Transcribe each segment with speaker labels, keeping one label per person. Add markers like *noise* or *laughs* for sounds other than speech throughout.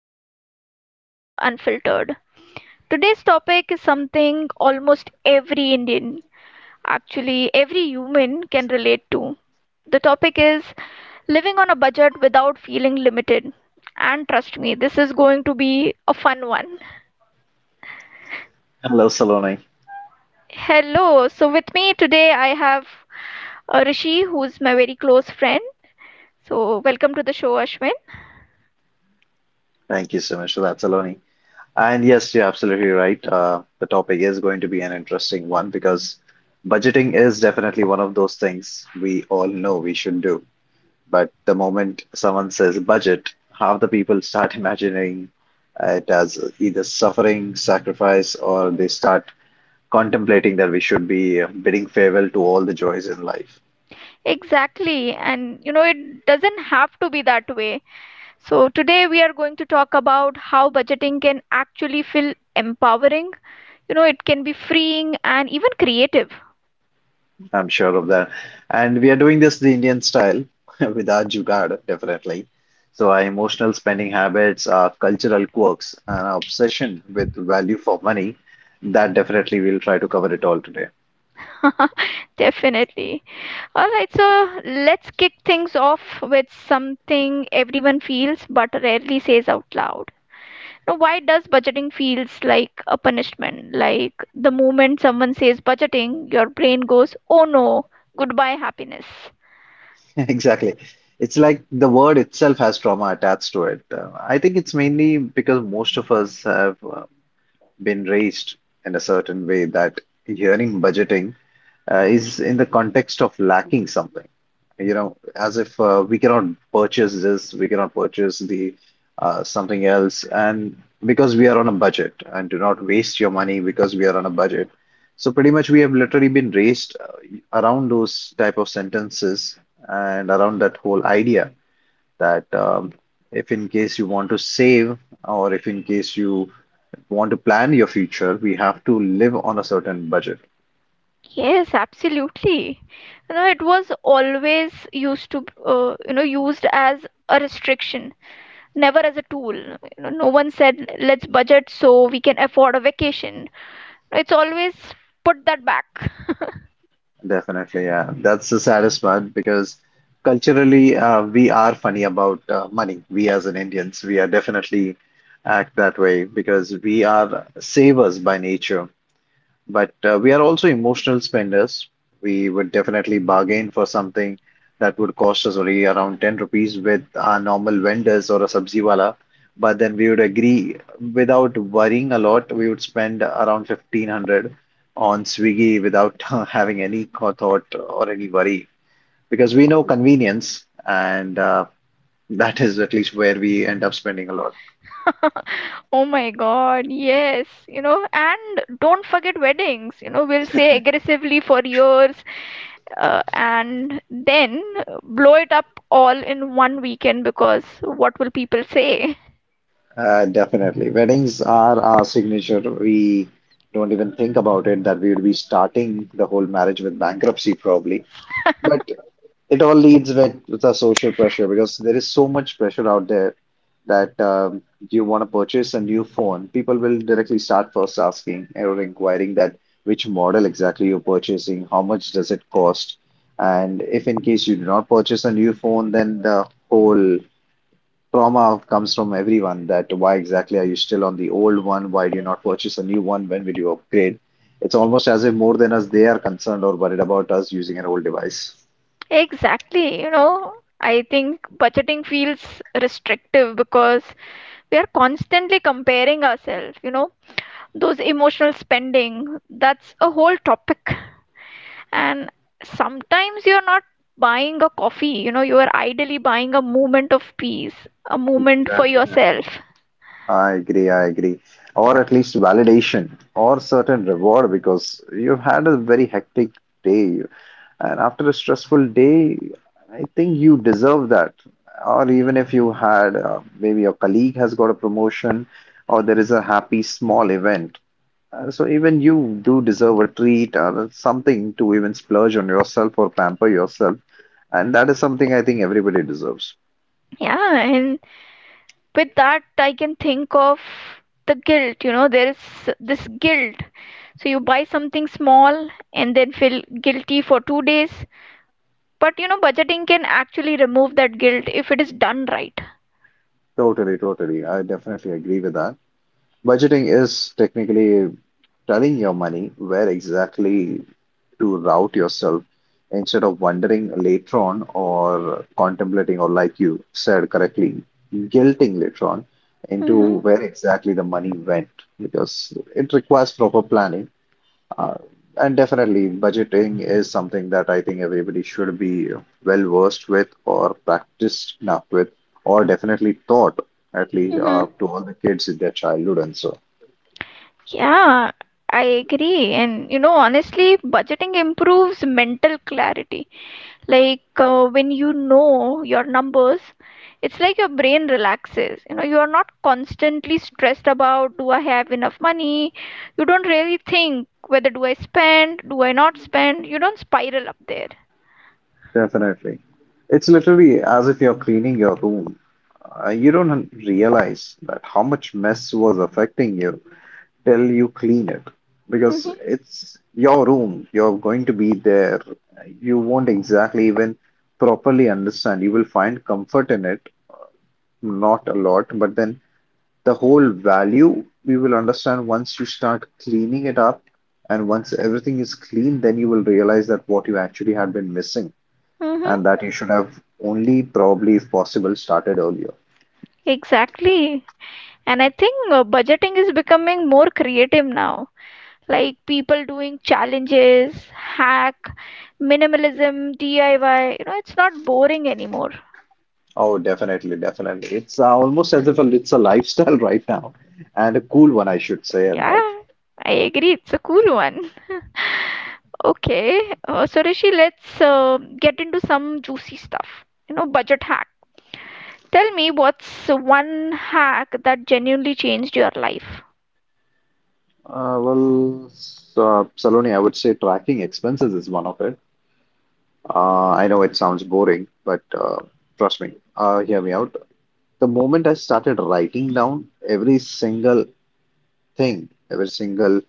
Speaker 1: episode of Life Unfiltered. Today's topic is something almost every Indian, actually, every human can relate to. The topic is living on a budget without feeling limited. And trust me, this is going to be a fun one.
Speaker 2: Hello, Saloni.
Speaker 1: Hello, so with me today I have Rishi, who's my very close friend. So, welcome to the show, Ashwin.
Speaker 2: Thank you so much for that, Saloni. And yes, you're absolutely right. The topic is going to be an interesting one because budgeting is definitely one of those things we all know we should do. But the moment someone says budget, half the people start *laughs* imagining it as either suffering, sacrifice, or they start contemplating that we should be bidding farewell to all the joys in life.
Speaker 1: Exactly, and you know, it doesn't have to be that way. So, today we are going to talk about how budgeting can actually feel empowering. You know, it can be freeing and even creative.
Speaker 2: I'm sure of that. And we are doing this the Indian style *laughs* with our jugaad, definitely. So our emotional spending habits, our cultural quirks, and our obsession with value for money, that definitely we'll try to cover it all today.
Speaker 1: *laughs* Definitely. All right, so let's kick things off with something everyone feels but rarely says out loud. Now, why does budgeting feels like a punishment? Like the moment someone says budgeting, your brain goes, "Oh no, goodbye happiness."
Speaker 2: *laughs* Exactly. It's like the word itself has trauma attached to it. I think it's mainly because most of us have been raised in a certain way that hearing budgeting is in the context of lacking something, as if we cannot purchase this, we cannot purchase the something else, and because we are on a budget, and do not waste your money because we are on a budget. So pretty much we have literally been raised around those type of sentences and around that whole idea that if in case you want to save or if in case you want to plan your future, we have to live on a certain budget.
Speaker 1: Yes, absolutely. You know, it was always used to, used as a restriction, never as a tool. You know, no one said, let's budget so we can afford a vacation. It's always put that back.
Speaker 2: Definitely, yeah. That's the saddest part because culturally, we are funny about money. We as in Indians, we are definitely act that way because we are savers by nature. But we are also emotional spenders. We would definitely bargain for something that would cost us only around 10 rupees with our normal vendors or a sabziwala. But then we would agree without worrying a lot, we would spend around 1,500 on Swiggy without *laughs* having any thought or any worry because we know convenience and that is at least where we end up spending a lot.
Speaker 1: *laughs* Oh my God, yes. You know, and don't forget weddings. You know, we'll say aggressively for years, and then blow it up all in one weekend because what will people say?
Speaker 2: Definitely. Weddings are our signature. We don't even think about it that we would be starting the whole marriage with bankruptcy, probably. But it all leads with the social pressure because there is so much pressure out there that you want to purchase a new phone. People will directly start first asking or inquiring that which model exactly you're purchasing, how much does it cost, and if in case you do not purchase a new phone, then the whole trauma comes from everyone that why exactly are you still on the old one? Why do you not purchase a new one? When will you upgrade? It's almost as if more than us, they are concerned or worried about us using an old device.
Speaker 1: Exactly, you know, I think budgeting feels restrictive because we are constantly comparing ourselves, you know, those emotional spending, that's a whole topic. And sometimes you're not buying a coffee, you know, you are ideally buying a moment of peace, a moment for
Speaker 2: Definitely.
Speaker 1: yourself.
Speaker 2: I agree. Or at least validation or certain reward because you've had a very hectic day. And after a stressful day, I think you deserve that. Or even if you had, maybe your colleague has got a promotion, or there is a happy small event. So even you do deserve a treat or something to even splurge on yourself or pamper yourself. And that is something I think everybody deserves.
Speaker 1: Yeah, and with that, I can think of the guilt, you know, there is this guilt. So you buy something small and then feel guilty for 2 days. But you know, budgeting can actually remove that guilt if it is done right.
Speaker 2: Totally. I definitely agree with that. Budgeting is technically telling your money where exactly to route yourself instead of wondering later on or contemplating, or like you said correctly, guilting later on into
Speaker 1: Mm-hmm.
Speaker 2: where exactly the money went because it requires proper planning. Uh, and definitely, budgeting is something that I think everybody should be well versed with, or practiced enough with, or definitely taught at least
Speaker 1: Mm-hmm.
Speaker 2: to all the kids in their childhood and so.
Speaker 1: Yeah, I agree. And you know, honestly, budgeting improves mental clarity. Like when you know your numbers, it's like your brain relaxes. You know, you are not constantly stressed about, do I have enough money? You don't really think whether do I spend, do I not spend? You don't spiral up there.
Speaker 2: Definitely. It's literally as if you're cleaning your room. You don't realize that how much mess was affecting you till you clean it. Because
Speaker 1: Mm-hmm.
Speaker 2: it's your room, you're going to be there. You won't exactly even properly understand. You will find comfort in it not a lot, but then the whole value we will understand once you start cleaning it up. And once everything is clean, then you will realize that what you actually had been missing
Speaker 1: Mm-hmm.
Speaker 2: and that you should have only probably, if possible, started earlier.
Speaker 1: Exactly. And I think budgeting is becoming more creative now. Like people doing challenges, hack, minimalism, DIY. You know, it's not boring anymore.
Speaker 2: Oh, definitely. It's almost as if it's a lifestyle *laughs* right now and a cool one, I should say, at
Speaker 1: Yeah,
Speaker 2: that.
Speaker 1: I agree. It's a cool one. *laughs* Okay, so Rishi, let's get into some juicy stuff. You know, budget hack. Tell me, what's one hack that genuinely changed your life?
Speaker 2: Saloni, I would say tracking expenses is one of it. I know it sounds boring, but trust me, hear me out. The moment I started writing down every single thing, every single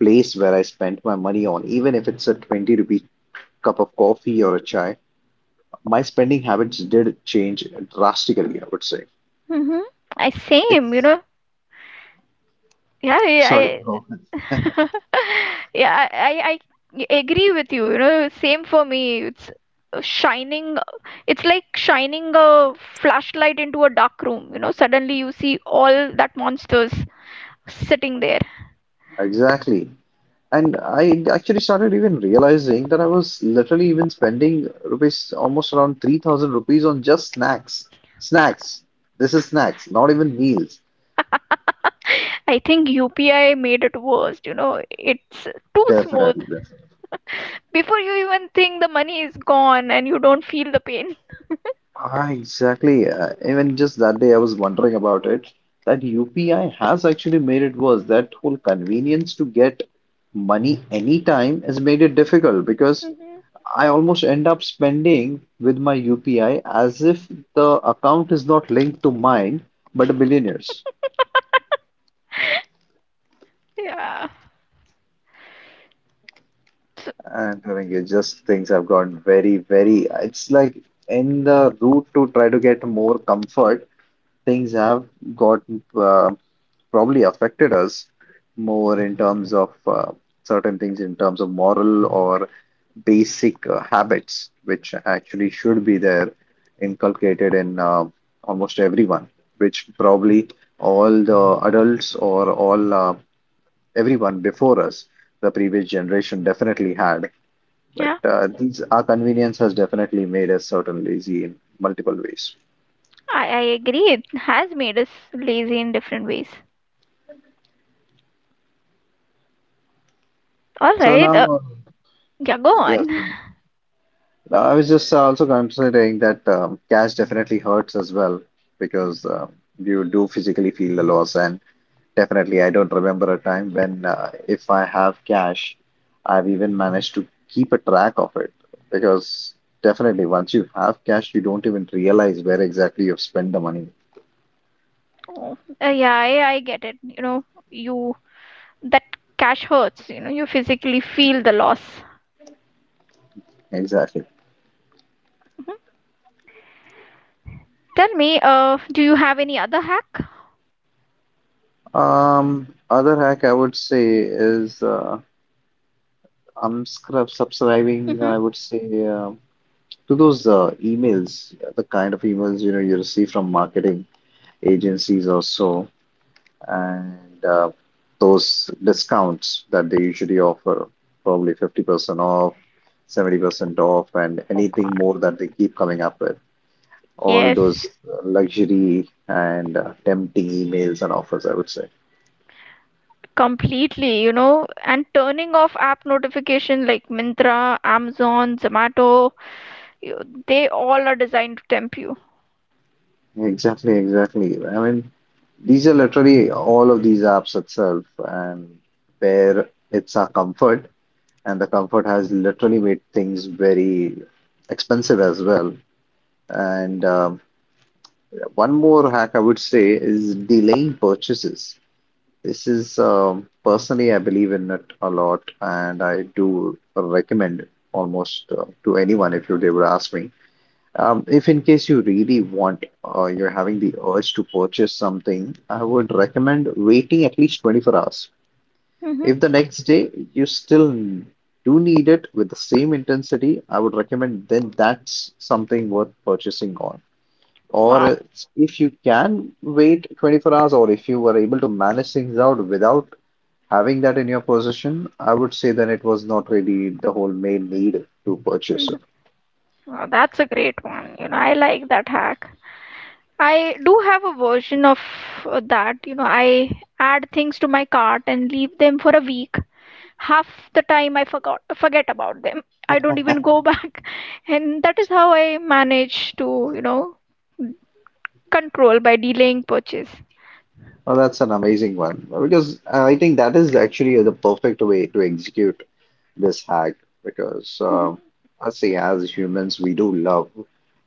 Speaker 2: place where I spent my money on, even if it's a 20 rupee cup of coffee or a chai, my spending habits did change drastically, I would say.
Speaker 1: Mm-hmm. I same, you
Speaker 2: It's
Speaker 1: know. Yeah,
Speaker 2: sorry,
Speaker 1: I, *laughs* yeah, I I agree with you, you know, same for me, shining it's like shining a flashlight into a dark room. You know, suddenly you see all that monsters sitting there.
Speaker 2: exactly. And I actually started even realizing that I was literally even spending rupees almost around 3,000 rupees on just snacks. Snacks. This is snacks, not even meals.
Speaker 1: *laughs* I think UPI made it worst, you know. It's too smooth.
Speaker 2: Definitely.
Speaker 1: Before you even think, the money is gone and you don't feel the pain.
Speaker 2: Exactly. Even just that day, I was wondering about it. That UPI has actually made it worse. That whole convenience to get money anytime has made it difficult because
Speaker 1: Mhm.
Speaker 2: I almost end up spending with my UPI as if the account is not linked to mine, but a billionaire's.
Speaker 1: Yeah, so,
Speaker 2: I'm telling you just things have gone very. It's like in the route to try to get more comfort, things have got uh, probably affected us more in terms of certain things in terms of moral or basic habits, which actually should be there inculcated in almost everyone, which probably all the adults or all everyone before us, the previous generation definitely had. But
Speaker 1: yeah,
Speaker 2: our convenience has definitely made us certain lazy in multiple ways.
Speaker 1: I agree, it has made us lazy in different ways. All
Speaker 2: So
Speaker 1: right.
Speaker 2: now,
Speaker 1: Yeah, go
Speaker 2: yes,
Speaker 1: on.
Speaker 2: No, I was just also considering that cash definitely hurts as well because you do physically feel the loss. And definitely, I don't remember a time when, if I have cash, I've even managed to keep a track of it. Because definitely, once you have cash, you don't even realize where exactly you've spent the money.
Speaker 1: Oh, yeah, I get it. You know, you that cash hurts. You know, you physically feel the loss.
Speaker 2: Exactly.
Speaker 1: Mhm. Tell me, do you have any other hack?
Speaker 2: Other hack I would say is I'm scrub subscribing, I
Speaker 1: Hmm.
Speaker 2: would say, to those emails, the kind of emails you know you receive from marketing agencies or so, and uh, those discounts that they usually offer, probably 50% off, 70% off, and
Speaker 1: Oh God.
Speaker 2: anything more that they keep coming up with. All
Speaker 1: Yes,
Speaker 2: those luxury and tempting emails and offers, I would say.
Speaker 1: completely. You know, and turning off app notification like Mintra, Amazon, Zomato, you, they all are designed to tempt you.
Speaker 2: Exactly. I mean, these are literally all of these apps itself, and where it's our comfort and the comfort has literally made things very expensive as well. And one more hack I would say is delaying purchases. This is personally, I believe in it a lot, and I do recommend it almost to anyone if you they would ask me. If in case you really want or you're having the urge to purchase something, I would recommend waiting at least 24 hours.
Speaker 1: Hmm.
Speaker 2: If the next day you still do need it with the same intensity, I would recommend then that's something worth purchasing on.
Speaker 1: Wow.
Speaker 2: If you can wait 24 hours, or if you were able to manage things out without having that in your possession, I would say then it was not really the whole main need to purchase
Speaker 1: Hmm.
Speaker 2: it.
Speaker 1: Wow, that's a great one. You know, I like that hack. I do have a version of that. You know, I add things to my cart and leave them for a week. Half the time I forgot forget about them. I don't even go *laughs* back. And that is how I manage to, you know, control by delaying purchase.
Speaker 2: Well, that's an amazing one because I think that is actually the perfect way to execute this hack because
Speaker 1: Hmm.
Speaker 2: I see as humans we do love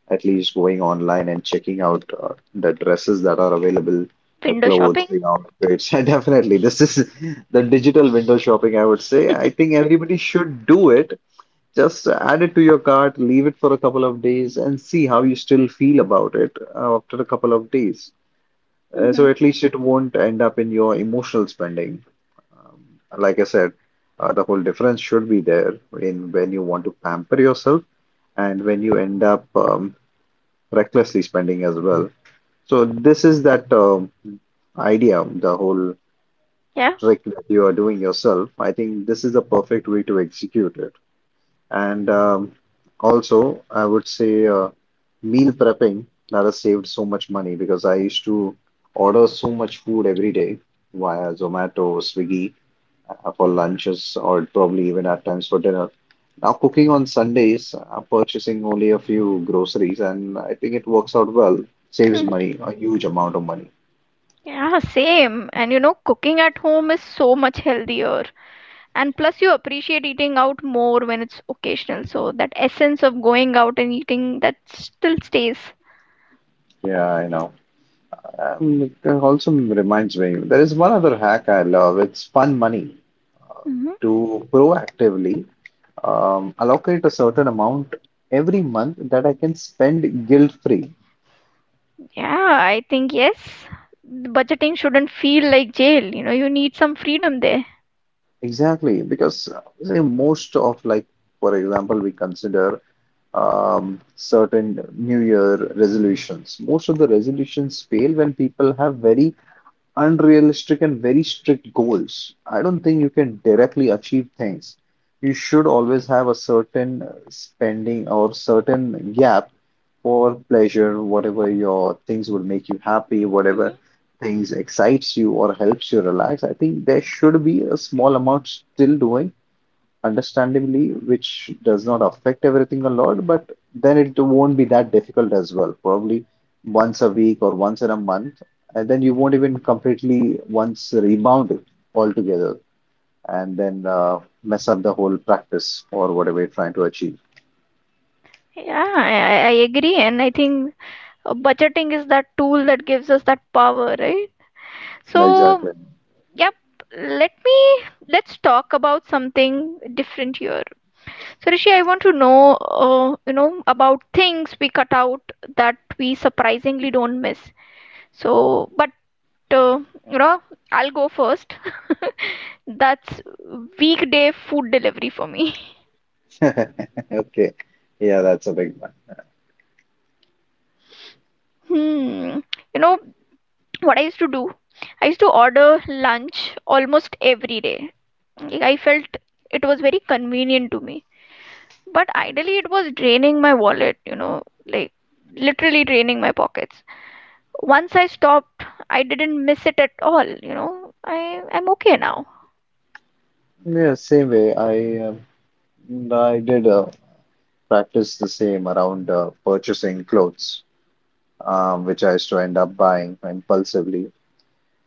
Speaker 2: at least going online and checking out the dresses that are available, the
Speaker 1: Window
Speaker 2: clothes,
Speaker 1: shopping.
Speaker 2: the outfits. *laughs* And definitely, this is the digital window shopping, I would say. I think everybody should do it. Just add it to your cart, leave it for a couple of days, and see how you still feel about it after a couple of days. So
Speaker 1: Hmm.
Speaker 2: at least it won't end up in your emotional spending. Um, Like I said, the whole difference should be there in when you want to pamper yourself and when you end up recklessly spending as well. So this is that idea, the whole
Speaker 1: Yeah.
Speaker 2: trick that you are doing yourself, I think this is the perfect way to execute it. And um, also, I would say meal prepping that has saved so much money because I used to order so much food every day via Zomato, Swiggy, for lunches or probably even at times for dinner. Now, cooking on Sundays, purchasing only a few groceries, and I think it works out well. Saves
Speaker 1: Hmm.
Speaker 2: money, a huge amount of money.
Speaker 1: Yeah, same. And you know, cooking at home is so much healthier. And plus you appreciate eating out more when it's occasional, so that essence of going out and eating that still stays.
Speaker 2: Yeah, I know. It also reminds me, there is one other hack I love. It's fun money
Speaker 1: Hmm.
Speaker 2: to proactively allocate a certain amount every month that I can spend guilt free.
Speaker 1: Yeah, I think yes, budgeting shouldn't feel like jail. You know, you need some freedom there.
Speaker 2: Exactly, because say most of like, for example, we consider certain New Year resolutions. Most of the resolutions fail when people have very unrealistic and very strict goals. I don't think you can directly achieve things. You should always have a certain spending or certain gap for pleasure, whatever your things will make you happy,
Speaker 1: Hmm.
Speaker 2: whatever things excites you or helps you relax. I think there should be a small amount still doing understandably, which does not affect everything a lot, but then it won't be that difficult as well. Probably once a week or once in a month, and then you won't even completely once rebound it altogether and then mess up the whole practice or whatever you're trying to achieve.
Speaker 1: Yeah, I agree. And I think budgeting is that tool that gives us that power, right? So,
Speaker 2: Exactly. *laughs*
Speaker 1: yep, let me, let's talk about something different here. So Rishi, I want to know, you know, about things we cut out that we surprisingly don't miss. So, but uh, you know, I'll go first. *laughs* That's weekday food delivery for me. *laughs*
Speaker 2: Okay. Yeah, that's a big one.
Speaker 1: Hmm. You know what I used to do? I used to order lunch almost every day. Like, I felt it was very convenient to me, but ideally it was draining my wallet. You know, like literally draining my pockets. Once I stopped, I didn't miss it at all. You know, I'm okay now.
Speaker 2: Yeah, same way. I did practice the same around purchasing clothes, which I used to end up buying impulsively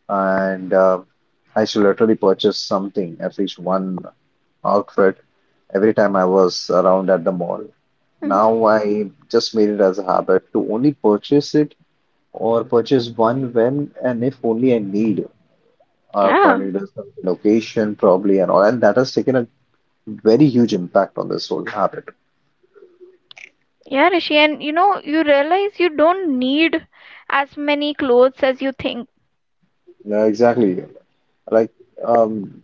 Speaker 2: and I used to literally purchase something, at least one outfit, every time I was around at the mall.
Speaker 1: Hmm.
Speaker 2: Now I just made it as a habit to only purchase it or purchase one when and if only I need
Speaker 1: Yeah,
Speaker 2: according to some location probably and all. And that has taken a very huge impact on this whole habit.
Speaker 1: yeah, Rishi, and you know, you realize you don't need as many clothes as you think.
Speaker 2: Yeah, exactly. Like um,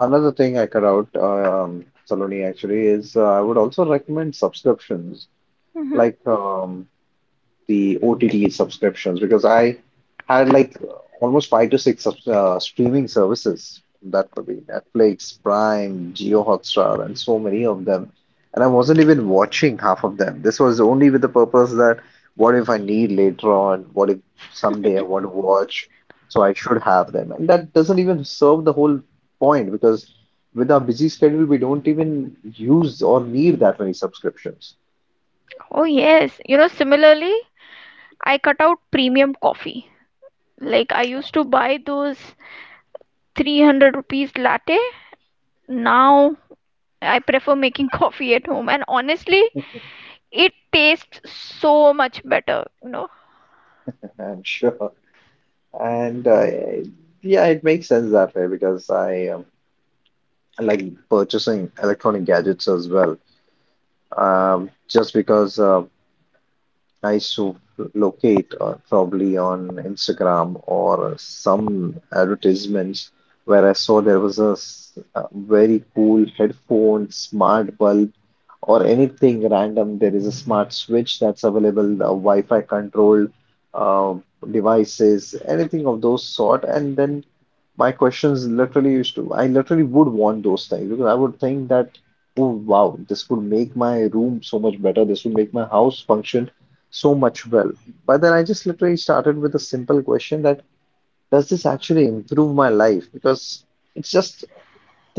Speaker 2: another thing I cut out, Saloni actually is I would also recommend subscriptions.
Speaker 1: Hmm.
Speaker 2: Like the OTT subscriptions because I had like almost five to six streaming services. That could be Netflix, Prime, Geo Hotstar, and so many of them. And I wasn't even watching half of them. This was only with the purpose that what if I need later on? What if someday I want to watch? So I should have them. And that doesn't even serve the whole point because with our busy schedule, we don't even use or need that many subscriptions.
Speaker 1: Oh yes, you know. Similarly, I cut out premium coffee. Like I used to buy those 300 rupees latte. Now I prefer making *laughs* coffee at home, and honestly, it tastes so much better. You know.
Speaker 2: And sure. And yeah, it makes sense that way because I like purchasing electronic gadgets as well. Just because nice to locate probably on Instagram or some advertisements where I saw there was a very cool headphone, smart bulb, or anything random. There is a smart switch that's available, Wi-Fi controlled uh, devices, anything of those sort. And then my questions literally used to, I literally would want those things because I would think that, oh wow, this would make my room so much better. This would make my house function so much well. But then I just literally started with a simple question that does this actually improve my life? Because it's just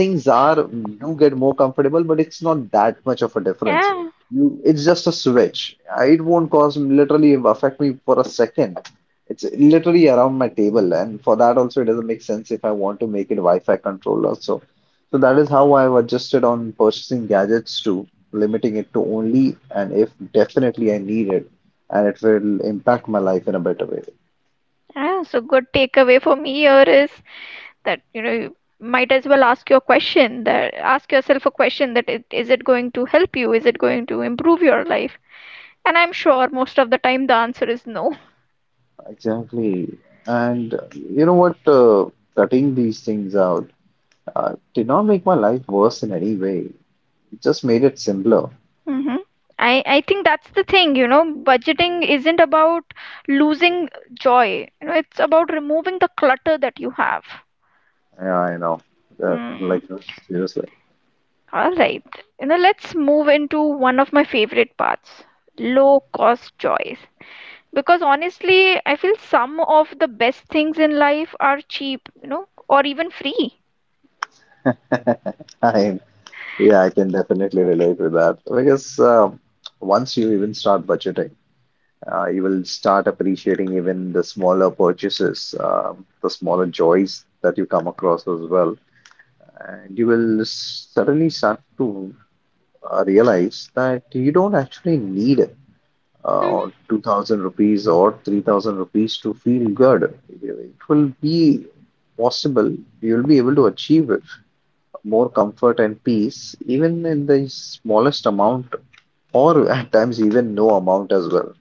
Speaker 2: things are do get more comfortable, but it's not that much of a difference.
Speaker 1: Yeah.
Speaker 2: You, it's just a switch. It won't cause literally affect me for a second. It's literally around my table, and for that also it doesn't make sense if I want to make it Wi-Fi controlled also. So that is how I've adjusted on purchasing gadgets to limiting it to only and if definitely I need it, and it will impact my life in a better way.
Speaker 1: Yeah, so good takeaway for me here is that, you know, might as well ask your question that, ask yourself a question that, is it going to help you, is it going to improve your life? And I'm sure most of the time the answer is no.
Speaker 2: Exactly. And you know what? Cutting these things out did not make my life worse in any way. It just made it simpler.
Speaker 1: *laughs* Hmm. I think that's the thing. You know, budgeting isn't about losing joy. You know, it's about removing the clutter that you have.
Speaker 2: Yeah, I know. Uh,
Speaker 1: Hmm.
Speaker 2: like seriously,
Speaker 1: All right, you know, let's move into one of my favorite parts, low cost joys, because honestly I feel some of the best things in life are cheap, you know, or even free.
Speaker 2: *laughs* I yeah, I can definitely relate with that because once you even start budgeting, you will start appreciating even the smaller purchases, the smaller joys that you come across as well, and you will suddenly start to realize that you don't actually need it
Speaker 1: Mhm.
Speaker 2: 2000 rupees or 3000 rupees to feel good. It will be possible, you will be able to achieve more comfort and peace, even in the smallest amount, or at times, even no amount as well.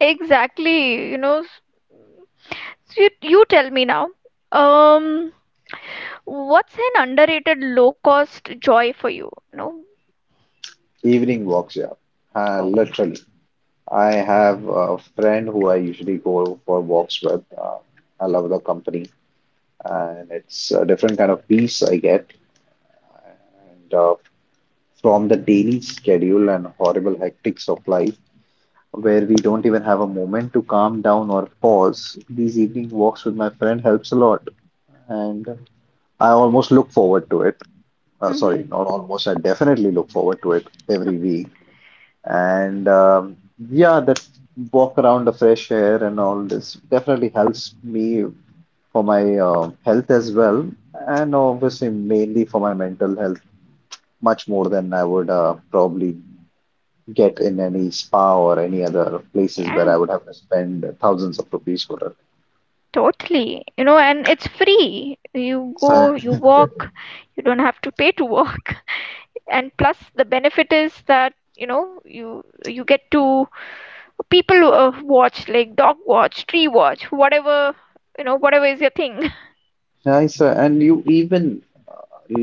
Speaker 1: Exactly. You know, so, you tell me now, um what's an underrated low cost joy for you, no?
Speaker 2: Evening walks, yeah,
Speaker 1: Oh.
Speaker 2: literally. I have a friend who I usually go for walks with. I love the company, and it's a different kind of peace I get. And from the daily schedule and horrible hectics of life, where we don't even have a moment to calm down or pause. These evening walks with my friend helps a lot, and I almost look forward to it. Uh,
Speaker 1: Mm-hmm.
Speaker 2: sorry, not almost. I definitely look forward to it every week. And yeah, that walk around the fresh air and all this definitely helps me for my health as well, and obviously mainly for my mental health, much more than I would probably get in any spa or any other places where
Speaker 1: Yeah,
Speaker 2: I would have to spend thousands of rupees for it.
Speaker 1: totally, you know, and it's free. You
Speaker 2: So,
Speaker 1: go, you walk, you don't have to pay to walk. *laughs* And plus the benefit is that, you know, you get to people watch, like dog watch, tree watch, whatever. You know, whatever is your thing.
Speaker 2: *laughs* nice. And you even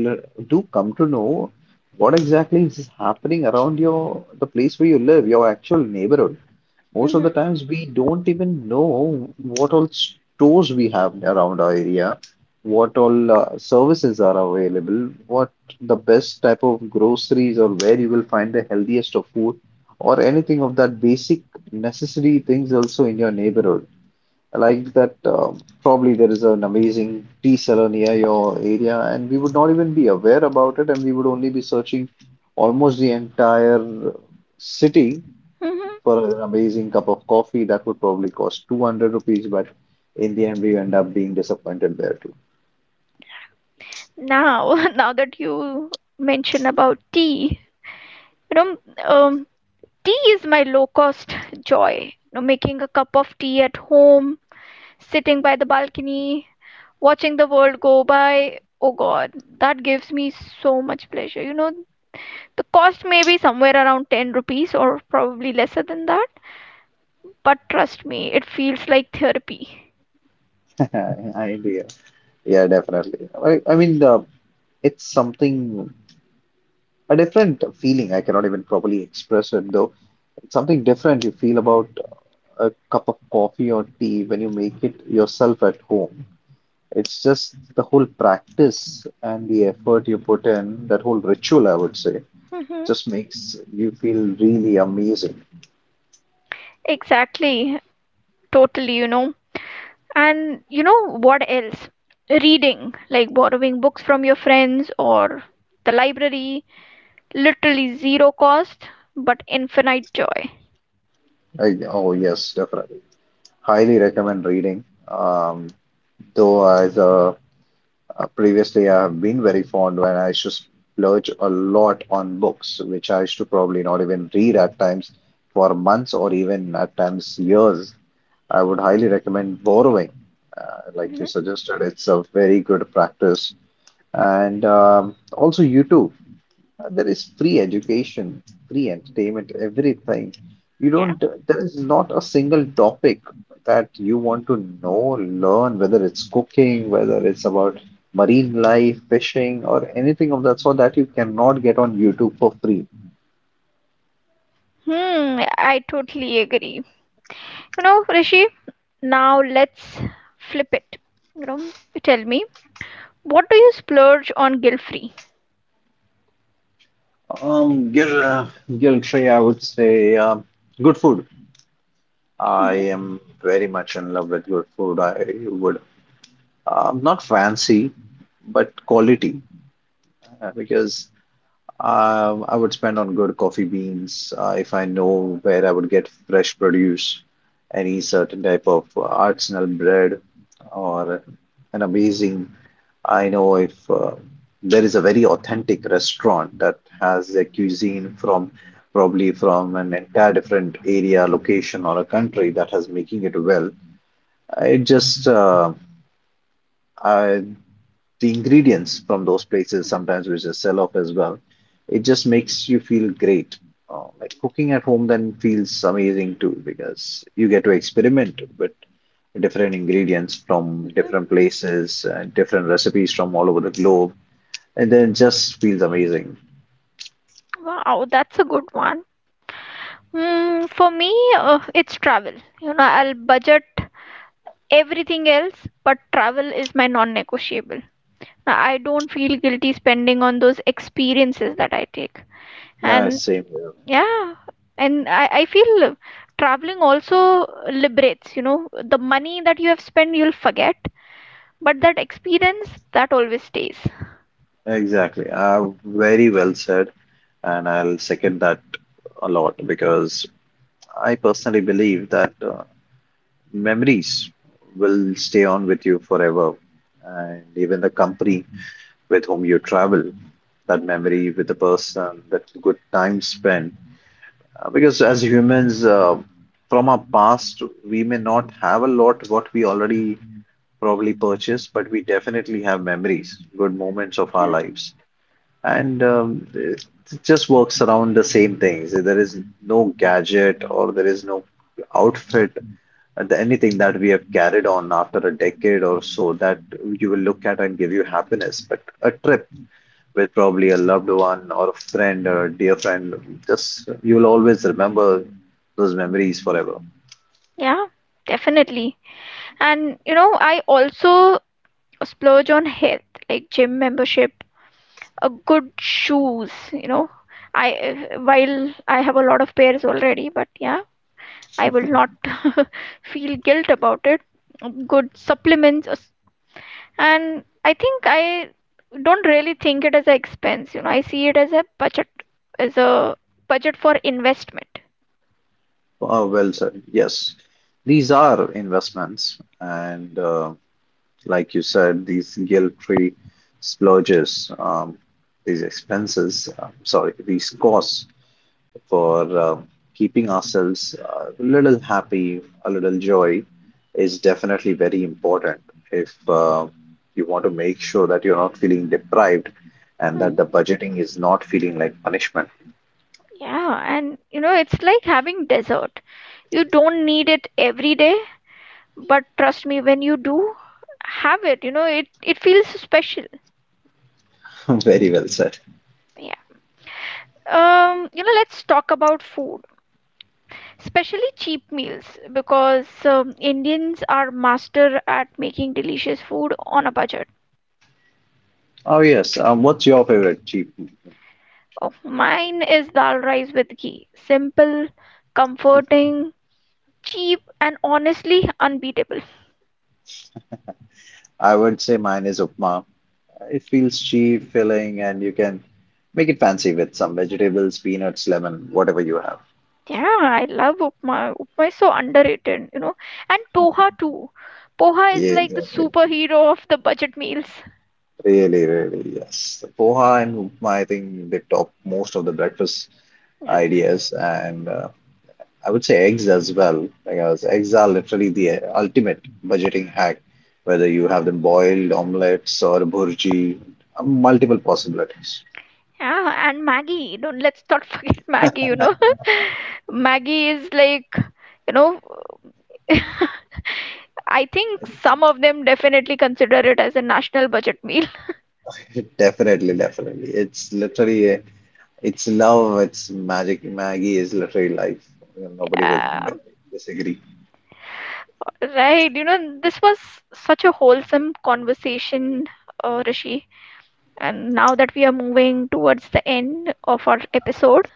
Speaker 2: l- do come to know what exactly is happening around your the place where you live, your actual neighborhood. Most of the
Speaker 1: Hmm.
Speaker 2: times we don't even know what all stores we have around our area, what all services are available, what the best type of groceries or where you will find the healthiest of food or anything of that basic necessary things also in your neighborhood. Like that, probably there is an amazing tea seller near your area, and we would not even be aware about it, and we would only be searching almost the entire city
Speaker 1: Hmm.
Speaker 2: for an amazing cup of coffee that would probably cost 200 rupees, but in the end, we end up being disappointed there too.
Speaker 1: Now *laughs* now that you mention about tea, you know, um, tea is my low cost joy. You know, making a cup of tea at home, sitting by the balcony, watching the world go by, oh god, that gives me so much pleasure. You know, the cost may be somewhere around 10 rupees or probably lesser than that, but trust me, it feels like therapy.
Speaker 2: *laughs* I agree. Yeah, definitely. I mean, it's something, a different feeling. I cannot even properly express it though. It's something different you feel about a cup of coffee or tea when you make it yourself at home. It's just the whole practice and the effort you put in, that whole ritual, I would say, just
Speaker 1: *laughs*
Speaker 2: makes you feel really amazing.
Speaker 1: Exactly, totally, you know. And you know what else? Reading, like borrowing books from your friends or the library, literally zero cost, but infinite joy.
Speaker 2: Oh yes, definitely. Highly recommend reading. Though as previously I have been very fond when I used to splurge a lot on books, which I used to probably not even read at times for months or even at times years. I would highly recommend borrowing, like you
Speaker 1: Mhm.
Speaker 2: suggested. It's a very good practice. And also YouTube. There is free education, free entertainment, everything. You
Speaker 1: Yeah.
Speaker 2: don't, there is not a single topic that you want to know, learn, whether it's cooking, whether it's about marine life, fishing, or anything of that sort that you cannot get on YouTube for free.
Speaker 1: Hmm, I totally agree. You know, Rishi, now let's flip it. You know, tell me, what do you splurge on guilt-free?
Speaker 2: Um, Gil, uh, Gil Shrey, I would say good food. I
Speaker 1: Mhm,
Speaker 2: am very much in love with good food. I would not fancy, but quality because I would spend on good coffee beans if I know where I would get fresh produce, any certain type of artisanal bread, or an amazing. I know if there is a very authentic restaurant that has a cuisine from probably from an entire different area, location, or a country that has making it well. It just I the ingredients from those places
Speaker 1: mhm,
Speaker 2: sometimes which just sell off as well. It just makes you feel great. Like cooking at home then feels amazing too because you get to experiment with different ingredients from
Speaker 1: mhm.
Speaker 2: different places and different recipes from all over the globe, and then it just feels amazing.
Speaker 1: Wow, that's a good one. Mm, for me, it's travel. You know, I'll budget everything else, but travel is my non negotiable. Now I don't feel guilty spending on those experiences that I take.
Speaker 2: No,
Speaker 1: And
Speaker 2: same here.
Speaker 1: yeah, and I feel traveling also liberates, you know, the money that you have spent, you'll forget, but that experience that always stays.
Speaker 2: Exactly. Very well said, and I'll second that a lot because I personally believe that memories will stay on with you forever. And even the company with whom you travel, that memory with the person, that good time spent. Because as humans, from our past, we may not have a lot what we already probably purchased, but we definitely have memories, good moments of
Speaker 1: You
Speaker 2: our
Speaker 1: know?
Speaker 2: lives. And it just works around the same things. There is no gadget or there is no outfit and anything that we have carried on after a decade or so that you will look at and give you happiness. But a trip with probably a loved one or a friend or a dear friend, just you will always remember those memories forever.
Speaker 1: Yeah, definitely. And you know, I also splurge on health, like gym membership, a good shoes, you know. i while I have a lot of pairs already, but yeah, I will not *laughs* feel guilt about it. Good supplements. And I think I don't really think it as an expense. You know, I see it as a budget, as a budget for investment.
Speaker 2: Oh, well said. Yes, these are investments, and like you said, these guilt-free splurges, these expenses, sorry, these costs for keeping ourselves a little happy, a little joy is definitely very important if you want to make sure that you're not feeling deprived and that the
Speaker 1: Mhm.
Speaker 2: budgeting is not feeling like punishment.
Speaker 1: Yeah, and you know, it's like having dessert. You don't need it every day, but trust me, when you do have it, you know, it feels special.
Speaker 2: *laughs* Very well said.
Speaker 1: You know, let's talk about food, especially cheap meals, because Indians are master at making delicious food on a budget.
Speaker 2: Oh, yes. What's your favorite cheap meal?
Speaker 1: Oh, mine is dal rice with ghee. Simple, comforting, cheap, and honestly unbeatable.
Speaker 2: I would say mine is upma. It feels cheap, filling, and you can make it fancy with some vegetables, peanuts, lemon, whatever you have.
Speaker 1: Yeah, I love upma. Upma is so underrated, you know. And poha too. Poha is
Speaker 2: Yeah,
Speaker 1: like the
Speaker 2: exactly.
Speaker 1: superhero of the budget meals.
Speaker 2: Really, really, yes. The poha and upma, I think they top most of the breakfast
Speaker 1: Yeah,
Speaker 2: ideas, and I would say eggs as well. Because eggs are literally the ultimate budgeting hack, whether you have them boiled, omelets, or bhurji, multiple possibilities.
Speaker 1: yeah, and Maggie. Don't Let's not *laughs* forget Maggie, you know. *laughs* Maggie is like, you know, *laughs* I think some of them definitely consider it as a national budget meal. *laughs*
Speaker 2: *laughs* Definitely, definitely. It's literally, it's love, it's magic. Maggie is literally life. You know, nobody will
Speaker 1: Yeah,
Speaker 2: disagree.
Speaker 1: right. You know, this was such a wholesome conversation, Rishi. And now that we are moving towards the end of our episode,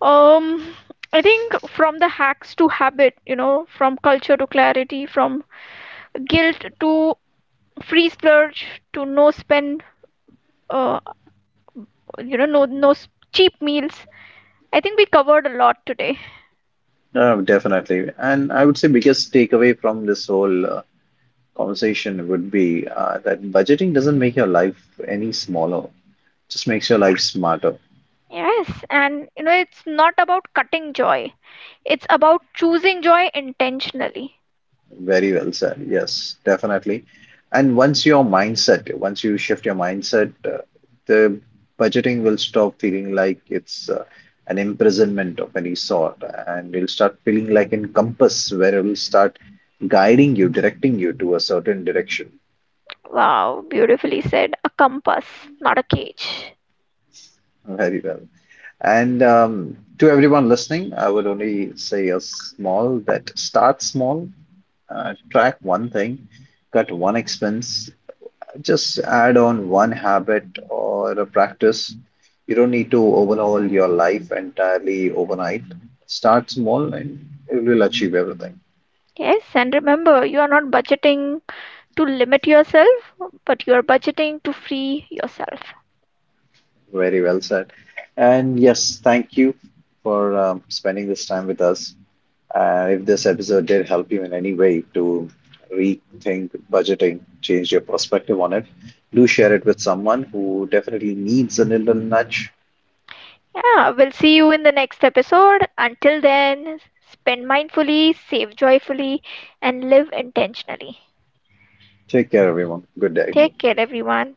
Speaker 1: um, I think from the hacks to habit, you know, from culture to clarity, from guilt to free splurge to no spend, uh, you know, no no cheap meals. I think we covered a lot today.
Speaker 2: Definitely. And I would say biggest takeaway from this whole conversation would be that budgeting doesn't make your life any smaller, just makes your life smarter.
Speaker 1: Yes, and you know, it's not about cutting joy. It's about choosing joy intentionally.
Speaker 2: Very well said. Yes, definitely. And once your mindset, once you shift your mindset, the budgeting will stop feeling like it's an imprisonment of any sort, and it'll start feeling like a compass where it will start guiding you, directing you to a certain direction.
Speaker 1: Wow, beautifully said. A compass, not a cage.
Speaker 2: Very well. And to everyone listening, I would only say a small that start small, track one thing, cut one expense, just add on one habit or a practice. You don't need to overhaul your life entirely overnight. Start small and you will achieve everything.
Speaker 1: Yes, and remember, you are not budgeting to limit yourself, but you are budgeting to free yourself.
Speaker 2: Very well said. And yes, thank you for spending this time with us. If this episode did help you in any way to rethink budgeting, change your perspective on it, do share it with someone who definitely needs a little nudge.
Speaker 1: Yeah, we'll see you in the next episode. Until then, spend mindfully, save joyfully, and live intentionally.
Speaker 2: Take care, everyone. Good day.
Speaker 1: Take care, everyone.